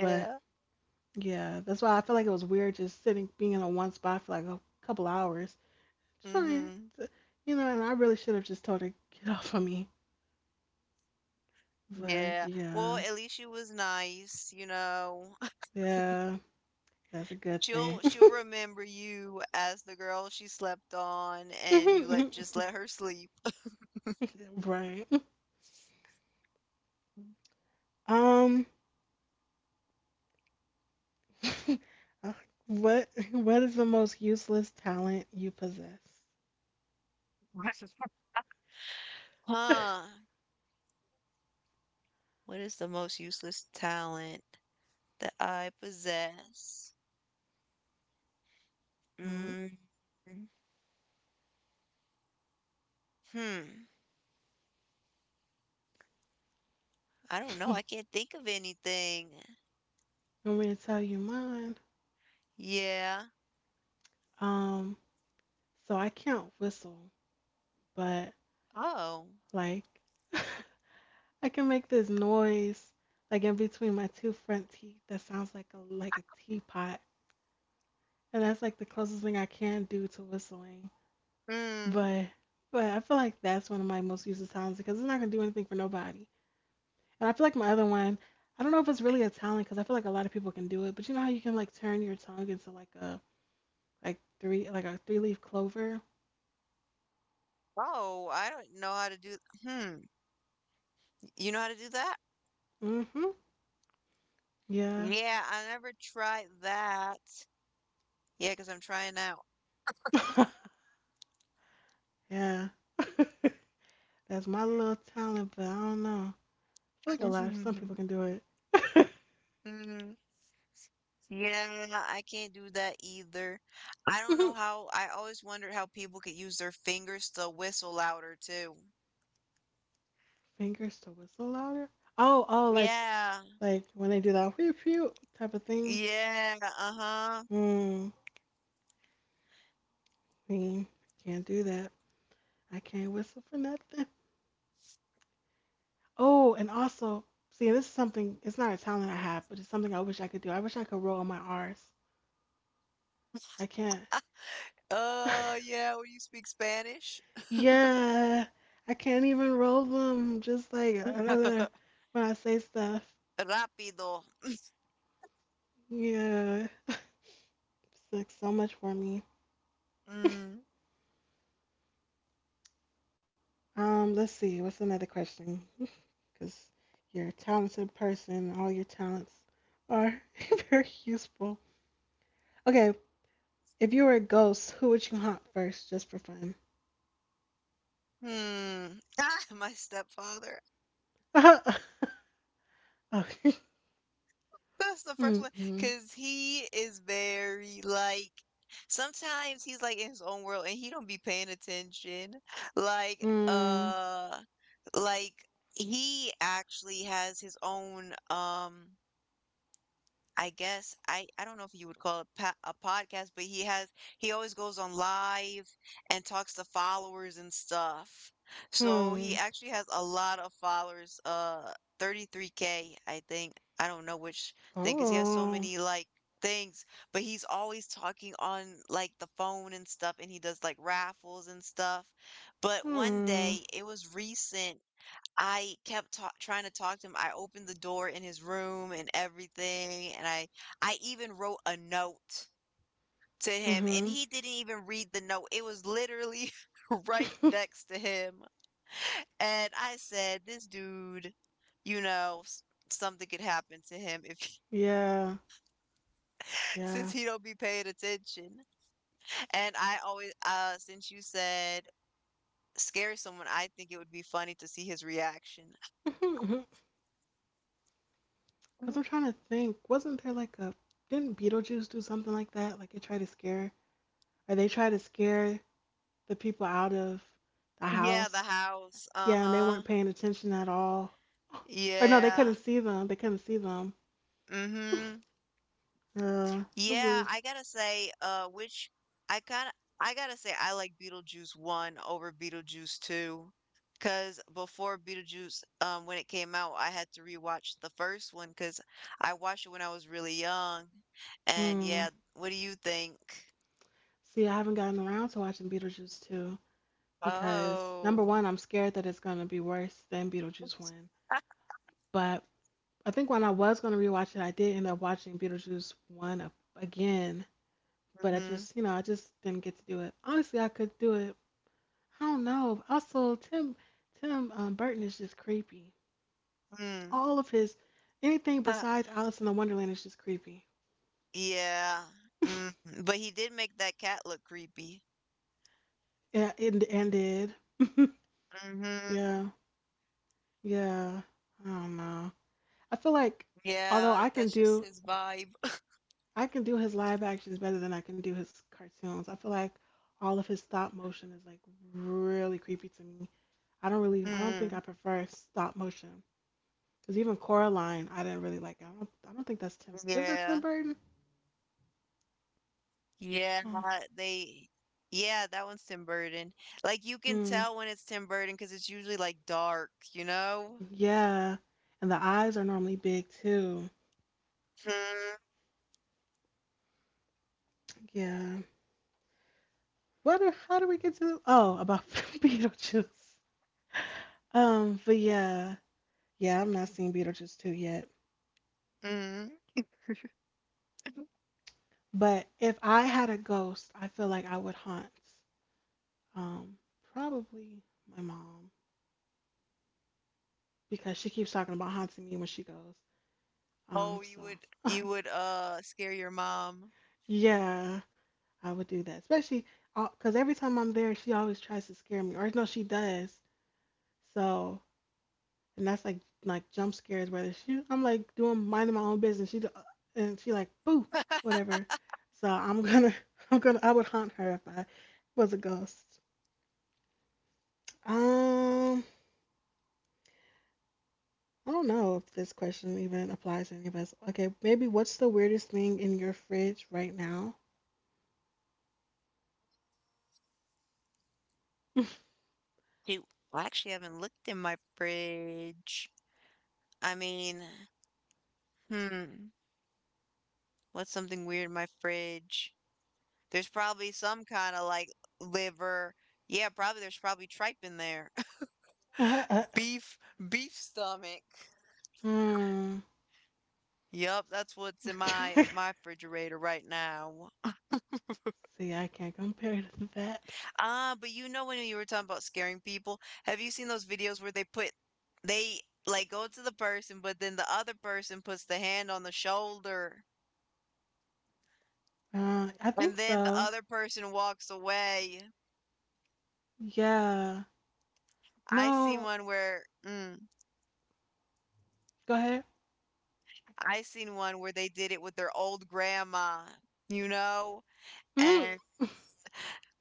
But yeah, that's why I feel like it was weird just sitting being in a one spot for like a couple hours, trying
Mm-hmm.
to, you know, and I really should have just told her, get off of me. But
Yeah. Well,
yeah,
at least she was nice, you know.
yeah, that's a good thing.
She'll remember you as the girl she slept on and you let just let her sleep.
Right. Um, uh, what is the most useless talent you possess?
Huh. What is the most useless talent that I possess?
Mm.
Mm, hmm. I don't know. I can't think of anything.
Want me to tell you mine?
Yeah.
Um, so I can't whistle, but
Oh.
like I can make this noise like in between my two front teeth that sounds like a teapot. And that's like the closest thing I can do to whistling.
Hmm.
But but I feel like that's one of my most useless talents because it's not gonna do anything for nobody. And I feel like my other one, I don't know if it's really a talent because I feel like a lot of people can do it. But you know how you can like turn your tongue into like a like three like a three leaf clover.
Oh, I don't know how to do. Hmm. You know how to do that?
Mm-hmm. Yeah.
Yeah, I never tried that. Yeah, because I'm trying out.
Yeah. That's my little talent, but I don't know. I feel like a lot of some people can do it.
Mm, yeah, I can't do that either. I don't know how. I always wondered how people could use their fingers to whistle louder, too.
Fingers to whistle louder. Oh, oh,
Yeah.
like when they do that whoop whoop type of thing.
Yeah, uh-huh.
Hmm. See, I can't do that. I can't whistle for nothing. Oh, and also, see, this is something. It's not a talent I have, but it's something I wish I could do. I wish I could roll on my R's. I can't.
Yeah, when you speak Spanish.
Yeah, I can't even roll them. Just like when I say stuff.
Rápido.
Yeah, it's like so much for me.
Mm.
Let's see. What's another question? Because you're a talented person. All your talents are very useful. Okay, if you were a ghost, who would you haunt first, just for fun?
Hmm. Ah, my stepfather.
Okay.
That's the first one.
Mm-mm.
Cause he is very like sometimes he's like in his own world and he don't be paying attention. Like,
Hmm.
like he actually has his own I guess I don't know if you would call it pa a podcast, but he has he always goes on live and talks to followers and stuff. So
Hmm.
he actually has a lot of followers, uh, 33K, I think. I don't know which thing 'cause he has so
Oh.
many like things, but he's always talking on like the phone and stuff and he does like raffles and stuff. But one
Hmm.
day, it was recent. I kept ta trying to talk to him. I opened the door in his room and everything, and I even wrote a note to him, and
Mm-hmm.
he didn't even read the note. It was literally right next to him. And I said, "This dude, you know, s- something could happen to him if he-
Yeah.
since
Yeah.
he don't be paying attention." And I always since you said scare someone, I think it would be funny to see his reaction.
Because I'm trying to think. Wasn't there like a. Didn't Beetlejuice do something like that? Like it tried to scare. Or they tried to scare the people out of the
Yeah, the
house.
house.
Yeah, and they
Uh-huh.
weren't paying attention at all. Or no, they
Yeah.
couldn't see them. They couldn't see them.
Mm-hmm. Yeah,
This
I gotta say, which I kinda I gotta say I like Beetlejuice 1 over Beetlejuice 2. 'Cause before Beetlejuice, when it came out, I had to rewatch the first one 'cause I watched it when I was really young. And
was.
yeah, what do you think?
See, I haven't gotten around to watching Beetlejuice 2 because number
Oh.
one, I'm scared that it's going to be worse than Beetlejuice 1. But I think when I was going to rewatch it, I did end up watching Beetlejuice 1 a- again. But I
Mm-hmm.
just, you know, I just didn't get to do it. Honestly, I could do it. I don't know. Also, Tim Burton is just creepy.
Mm.
All of his anything besides Alice in the Wonderland is just creepy.
Yeah. Mm. But he did make that cat look creepy.
Yeah, and ended.
Mm-hmm.
Yeah, yeah. I don't know. I feel like although
Yeah,
I can
that's just
do
his vibe.
I can do his live actions better than I can do his cartoons. I feel like all of his stop motion is like really creepy to me. I don't really, I don't think I
Mm,
prefer stop motion. Cause even Coraline, I didn't really like it. I don't think that's Tim. Is that Tim
yeah,
Burton?
yeah,
Oh,
they, yeah, that one's Tim Burton. Like you can
hmm.
tell when it's Tim Burton because it's usually like dark, you know?
Yeah. And the eyes are normally big too.
Hmm.
Yeah. What? Are, how do we get to? Oh, about Beetlejuice. But yeah, yeah. I'm not seeing Beetlejuice two yet.
Mm.
But if I had a ghost, I feel like I would haunt Um, probably my mom because she keeps talking about haunting me when she goes. Um,
Oh, you
so
would, scare your mom.
yeah, I would do that, especially because every time I'm there, she always tries to scare me, or no, she does. So and that's like jump scares where she I'm like doing minding my own business. She do- and she like boo whatever. So I'm gonna I'm gonna I would haunt her if I was a ghost. Um, I don't know if this question even applies to any of us. Okay, maybe what's the weirdest thing in your fridge right now?
Dude, I actually haven't looked in my fridge. I mean, hmm, what's something weird in my fridge? There's probably some kind of like liver. Yeah, probably there's probably tripe in there. Beef, beef stomach.
Hmm.
Yep, that's what's in my refrigerator right now.
See, I can't compare to that.
Ah, but you know when you were talking about scaring people, have you seen those videos where they put they like go to the person, but then the other person puts the hand on the shoulder,
I
and
think
then the
so.
other person walks away.
Yeah.
I seen
No.
one where mm,
Go ahead.
I seen one where they did it with their old grandma, you know,
Mm.
and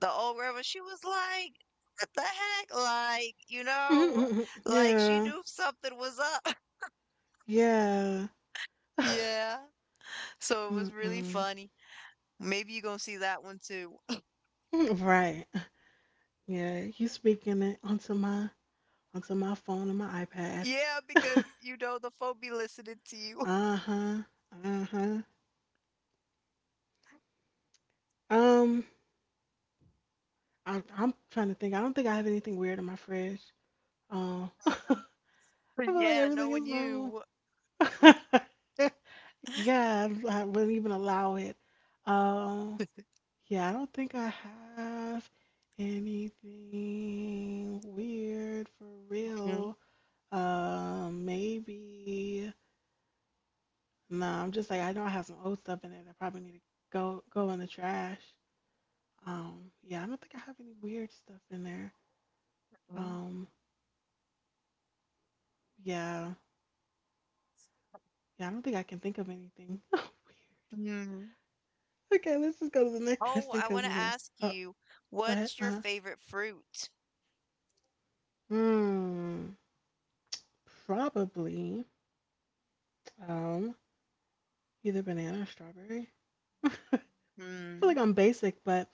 the old grandma, she was like, what the heck? Like, you know,
Mm-mm-mm.
like she
Yeah.
knew something was up.
Yeah.
Yeah. So it was really
Mm-mm.
funny. Maybe you're gonna see that one too.
Right. Yeah. You speaking it onto my phone and my iPad.
Yeah, because you know the phone be listening to you.
Uh-huh. Uh-huh. Um, I'm trying to think. I don't think I have anything weird in my fridge. I feel like
Yeah,
everything
knowing
is normal.
you.
Yeah, I wouldn't even allow it. Um, yeah, I don't think I have anything weird for
Mhm.
real. Maybe. No, I'm just like I know I have some old stuff in there that probably need to go in the trash. Yeah, I don't think I have any weird stuff in there. Um, yeah. Yeah, I don't think I can think of anything. Weird.
Mhm.
Okay, let's just go to the next
Oh,
question
I want
because,
to
yeah.
ask
Oh,
you,
go ahead.
what's
Uh
your
huh.
favorite fruit?
Hmm. Probably um, either banana or strawberry. I feel like
Mm,
I'm basic, but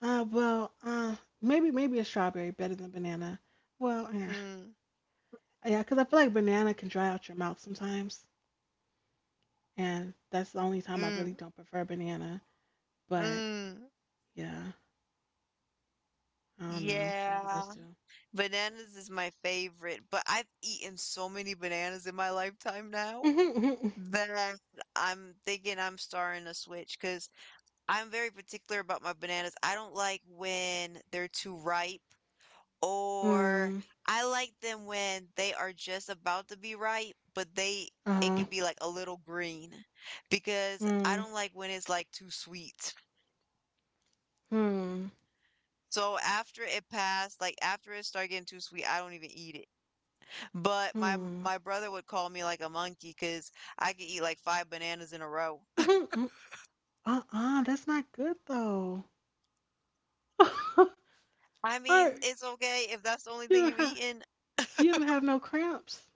uh, well, uh, maybe a strawberry better than banana. Well, yeah,
mm,
yeah, because I feel like banana can dry out your mouth sometimes, and that's the only time I really
mm,
don't prefer banana. But
mm.
yeah, I don't know. Maybe
Yeah.
those two.
Bananas is my favorite, but I've eaten so many bananas in my lifetime now that I'm thinking I'm starting a switch because I'm very particular about my bananas. I don't like when they're too ripe, or
Mm,
I like them when they are just about to be ripe, but they it
uh,
could be like a little green because I
mm.
don't like when it's like too sweet.
Hmm.
So after it passed, like after it started getting too sweet, I don't even eat it. But my
Hmm.
my brother would call me like a monkey, cause I could eat like five bananas in a row.
Uh. That's not good though.
I
I
mean, it's okay if that's the only
you
thing
don't
you
have
eating.
you don't have no cramps.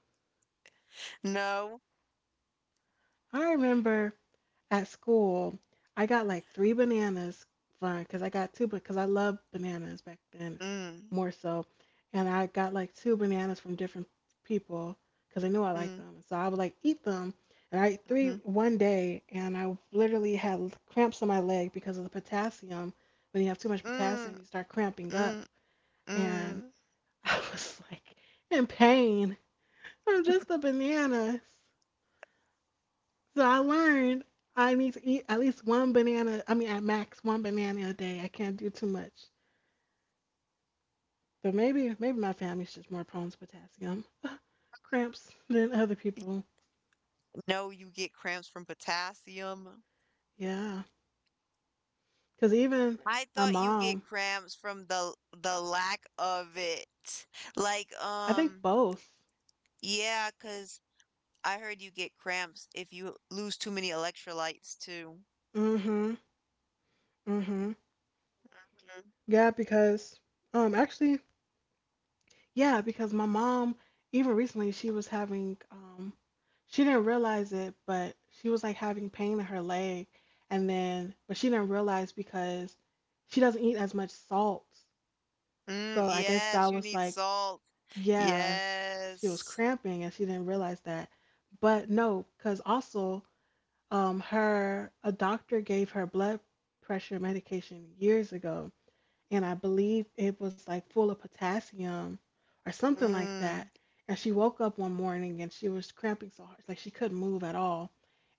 No.
I remember at school, I got like three bananas from because I got two because I love bananas back then
Mm,
more so, and I got like two bananas from different people because I knew I liked
mm,
them. So I would like eat them, and I ate three
mm.
one day, and I literally had cramps on my leg because of the potassium. When you have too much
Mm,
potassium, you start cramping up,
mm,
and
mm.
I was like in pain from just the bananas. So I learned I need to eat at least one banana. I mean, at max one banana a day. I can't do too much. But maybe my family's just more prone to potassium cramps than other people.
No, you get cramps from potassium.
Yeah, because even
I
my
thought you get
mom,
cramps from the lack of it. Like,
I think both.
yeah, 'cause I heard you get cramps if you lose too many electrolytes too.
Mhm, mhm.
Mhm.
Yeah, because actually yeah, because my mom, even recently, she was having, she didn't realize it, but she was like having pain in her leg. And then, but she didn't realize because she doesn't eat as much salt.
Mm,
So I guess
yes,
that
you
was
need
like,
salt.
yeah, it's- she was
Yes.
cramping and she didn't realize that. But no, because also, her, a doctor gave her blood pressure medication years ago and I believe it was like full of potassium or something like that.
Mm,
And she woke up one morning and she was cramping so hard, like she couldn't move at all,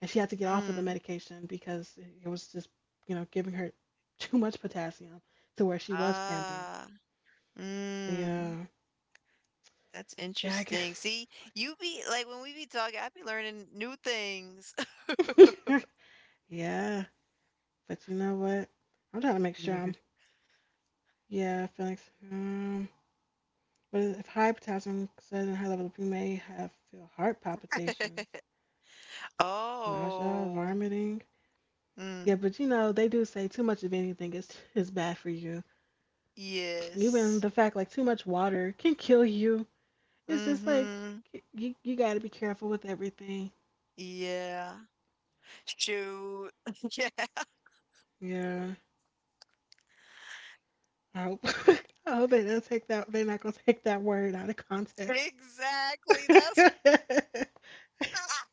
and she had to get off of the
mm.
medication because it was just, giving her too much potassium to where she was cramping.
Ah,
So
mm.
yeah,
That's
yeah, I
interesting.
guess.
See, you be like when we be talking, I be learning new things.
But yeah, but you know what? I'm trying to make sure I'm yeah, Felix. But if high potassium says in high level, you may have feel heart palpitations. Nausea,
Oh,
vomiting. Yeah,
mm.
but you know, they do say too much of anything is bad for you. Even
Yes.
the fact like too much water can kill you. It's just like
Mm-hmm.
you got to be careful with everything.
Yeah. Shoot. Yeah.
Yeah, I hope I hope they don't take that. They're not gonna take that word out of context.
Exactly. That's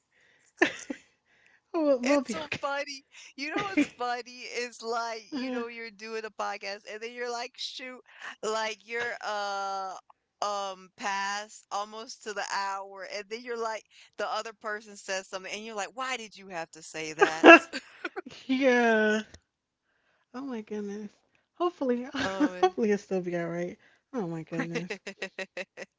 We'll
it's
be
so funny. You know what's
okay.
funny is like, you
Uh,
know, you're doing a podcast and then you're like, shoot, like you're past almost to the hour and then you're like the other person says something and you're like, why did you have to say that?
yeah. Oh my goodness. Hopefully,
Oh
hopefully it'll still be all right. Oh my
man.
goodness.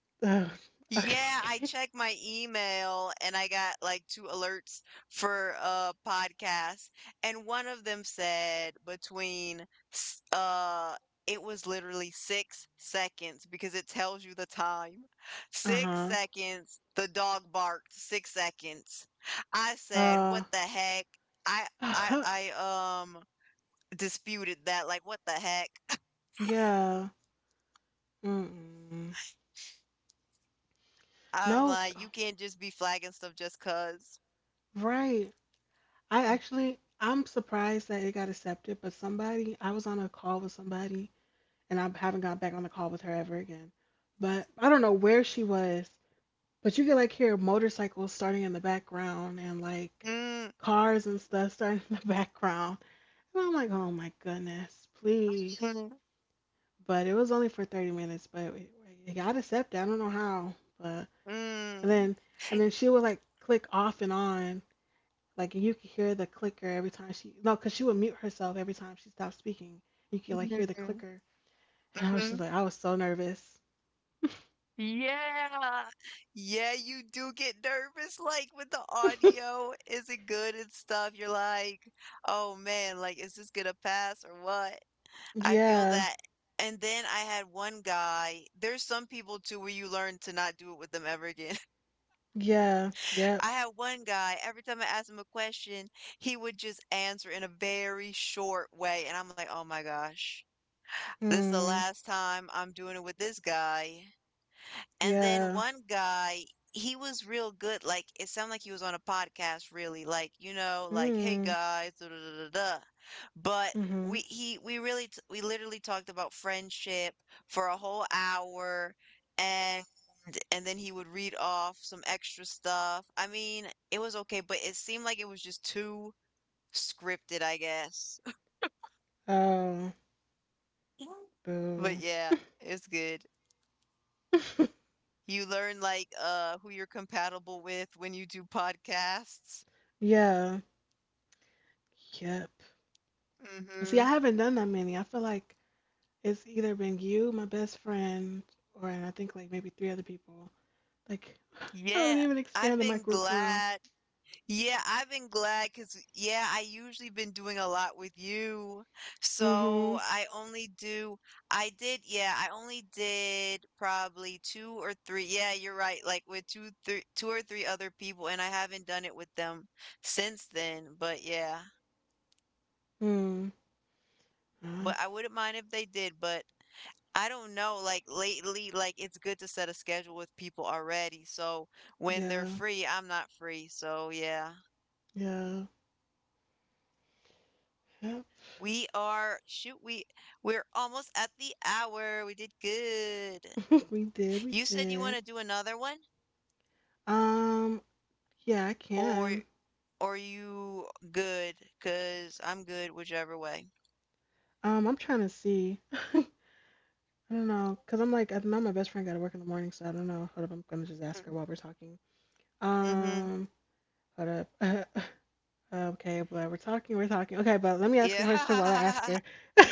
Ugh,
Yeah, I
okay.
checked my email and I got like two alerts for a podcast, and one of them said between s- uh it was literally 6 seconds because it tells you the time. Six
Uh-huh.
seconds, the dog barked, 6 seconds. I said,
Uh,
"What the heck?" I I
uh-huh.
I um disputed that like, "What the heck?"
Yeah. Mm-mm.
I'm
No,
like, "You can't just be flagging stuff just 'cause."
right. I'm surprised that it got accepted, but somebody, I was on a call with somebody, and I haven't got back on the call with her ever again. But I don't know where she was, but you could like hear motorcycles starting in the background and like
Mm.
cars and stuff starting in the background. And I'm like, oh my goodness, please. But it was only for 30 minutes but it got accepted. I don't know how, but and
Mm.
then and then she would like click off and on like you could hear the clicker every time she no because she would mute herself every time she stopped speaking you could like hear the
Mhm,
clicker and I was just
mhm.
like I was so nervous.
Yeah. Yeah, you do get nervous, like, with the audio. Is it good and stuff? You're like, oh man, like, is this gonna pass or what? I feel
Yeah,
that. And then I had one guy, there's some people too where you learn to not do it with them ever again.
yeah, yep.
I had one guy, every time I asked him a question, he would just answer in a very short way. And I'm like, oh my gosh, this is the
Hmm.
last time I'm doing it with this guy. And then
Yeah.
one guy, he was real good. Like it sounded like he was on a podcast, really. Like you know, like hey
Hmm.
guys, da da da da da." But
Mm-hmm.
we he we really t- we literally talked about friendship for a whole hour, and then he would read off some extra stuff. I mean, it was okay, but it seemed like it was just too scripted, I guess.
Oh,
But
boo.
yeah, it's good. You learn like who you're compatible with when you do podcasts.
Yeah, yep. See,
Hmm.
I haven't done that many. I feel like it's either been you, my best friend, or and I think like maybe three other people. Like I haven't
Yeah,
even
I've
expanded my
been
group for real.
glad. Yeah, I've been glad because, yeah, I usually been doing a lot with you.
Mm-hmm.
So I only do, I did, yeah, I only did probably two or three. Yeah, you're right. Like with two or three other people, and I haven't done it with them since then. But yeah,
Hmm. Uh,
but I wouldn't mind if they did. But I don't know, like lately, like it's good to set a schedule with people already. So when they're
yeah.
free, I'm not free. So yeah.
Yeah. Yep.
Shoot, we're almost at the hour. We did good.
We did. We
You said you want
did.
to do another one
Um. Yeah, I
or
can.
are you good? Because 'Cause I'm good whichever way.
I'm trying to see. I don't know, cause I'm like I know my best friend got to work in the morning, so I don't know. Hold up, I'm gonna just ask her while we're talking.
Mm-hmm.
Um. Hold up. Okay, but we're talking. We're talking. Okay, but let me ask a
Yeah.
question while I ask her.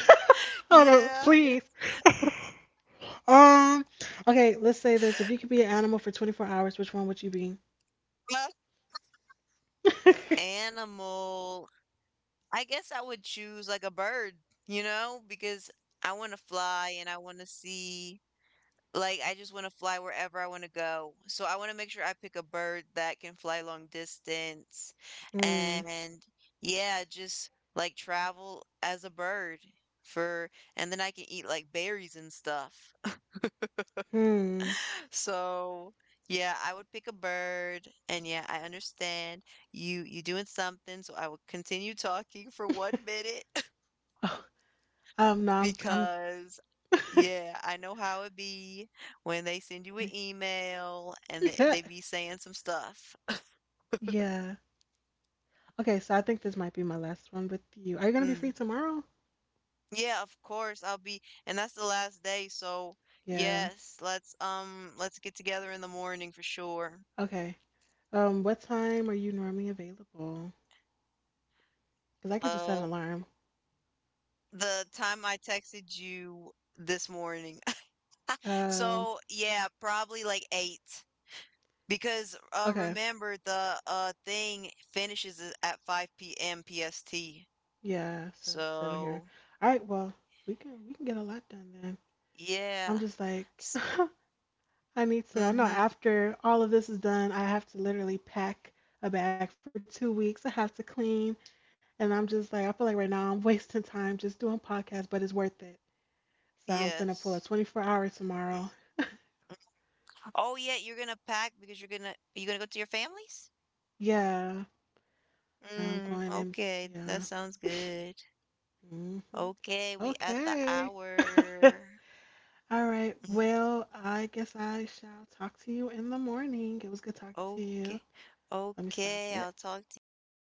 Oh no,
Yeah,
please.
it's
Um, okay, let's say this. If you could be an animal for 24 hours, which one would you be?
a animal. I guess I would choose like a bird, you know, because I want to fly and I want to see, like, I just want to fly wherever I want to go. So I want to make sure I pick a bird that can fly long distance
Hmm.
and, yeah, just like travel as a bird for, and then I can eat like berries and stuff.
Hmm.
So. Yeah, I would pick a bird, and yeah, I understand you doing something, so I will continue talking for 1 minute.
Oh, no,
Because, yeah, I know how it be when they send you an
I'm,
email and
yeah.
they be saying some stuff.
Yeah. Okay, so I think this might be my last one with you. Are you gonna be free
Mm.
tomorrow?
Yeah, of course I'll be, and that's the last day, so
Yeah.
yes, let's get together in the morning for sure.
Okay. What time are you normally available? Because I can just set an
Uh,
alarm.
the time I texted you this morning.
Um,
So, yeah, probably like 8 because
okay.
remember the thing finishes at 5 p.m. PST.
Yeah, so it's seven here.
So,
All right, well, we can get a lot done then. I'm
yeah.
just like
S
I need to. I know
mhm.
after all of this is done, I have to literally pack a bag for 2 weeks. I have to clean, and I'm just like, I feel like right now I'm wasting time just doing podcasts, but it's worth it. So I'm finna
Yes.
pull a 24 hour tomorrow.
Oh, yeah, you're gonna pack because you're gonna are you gonna go to your families?
Yeah, I'm
Mm,
going in.
okay, that
Yeah.
sounds good.
Hmm.
Okay, we at the
Okay.
hour.
All right.
Mm,
Well, I guess I shall talk to you in the morning. It was good talking to you.
okay.
Let me stop
Okay,
it.
I'll talk to you night.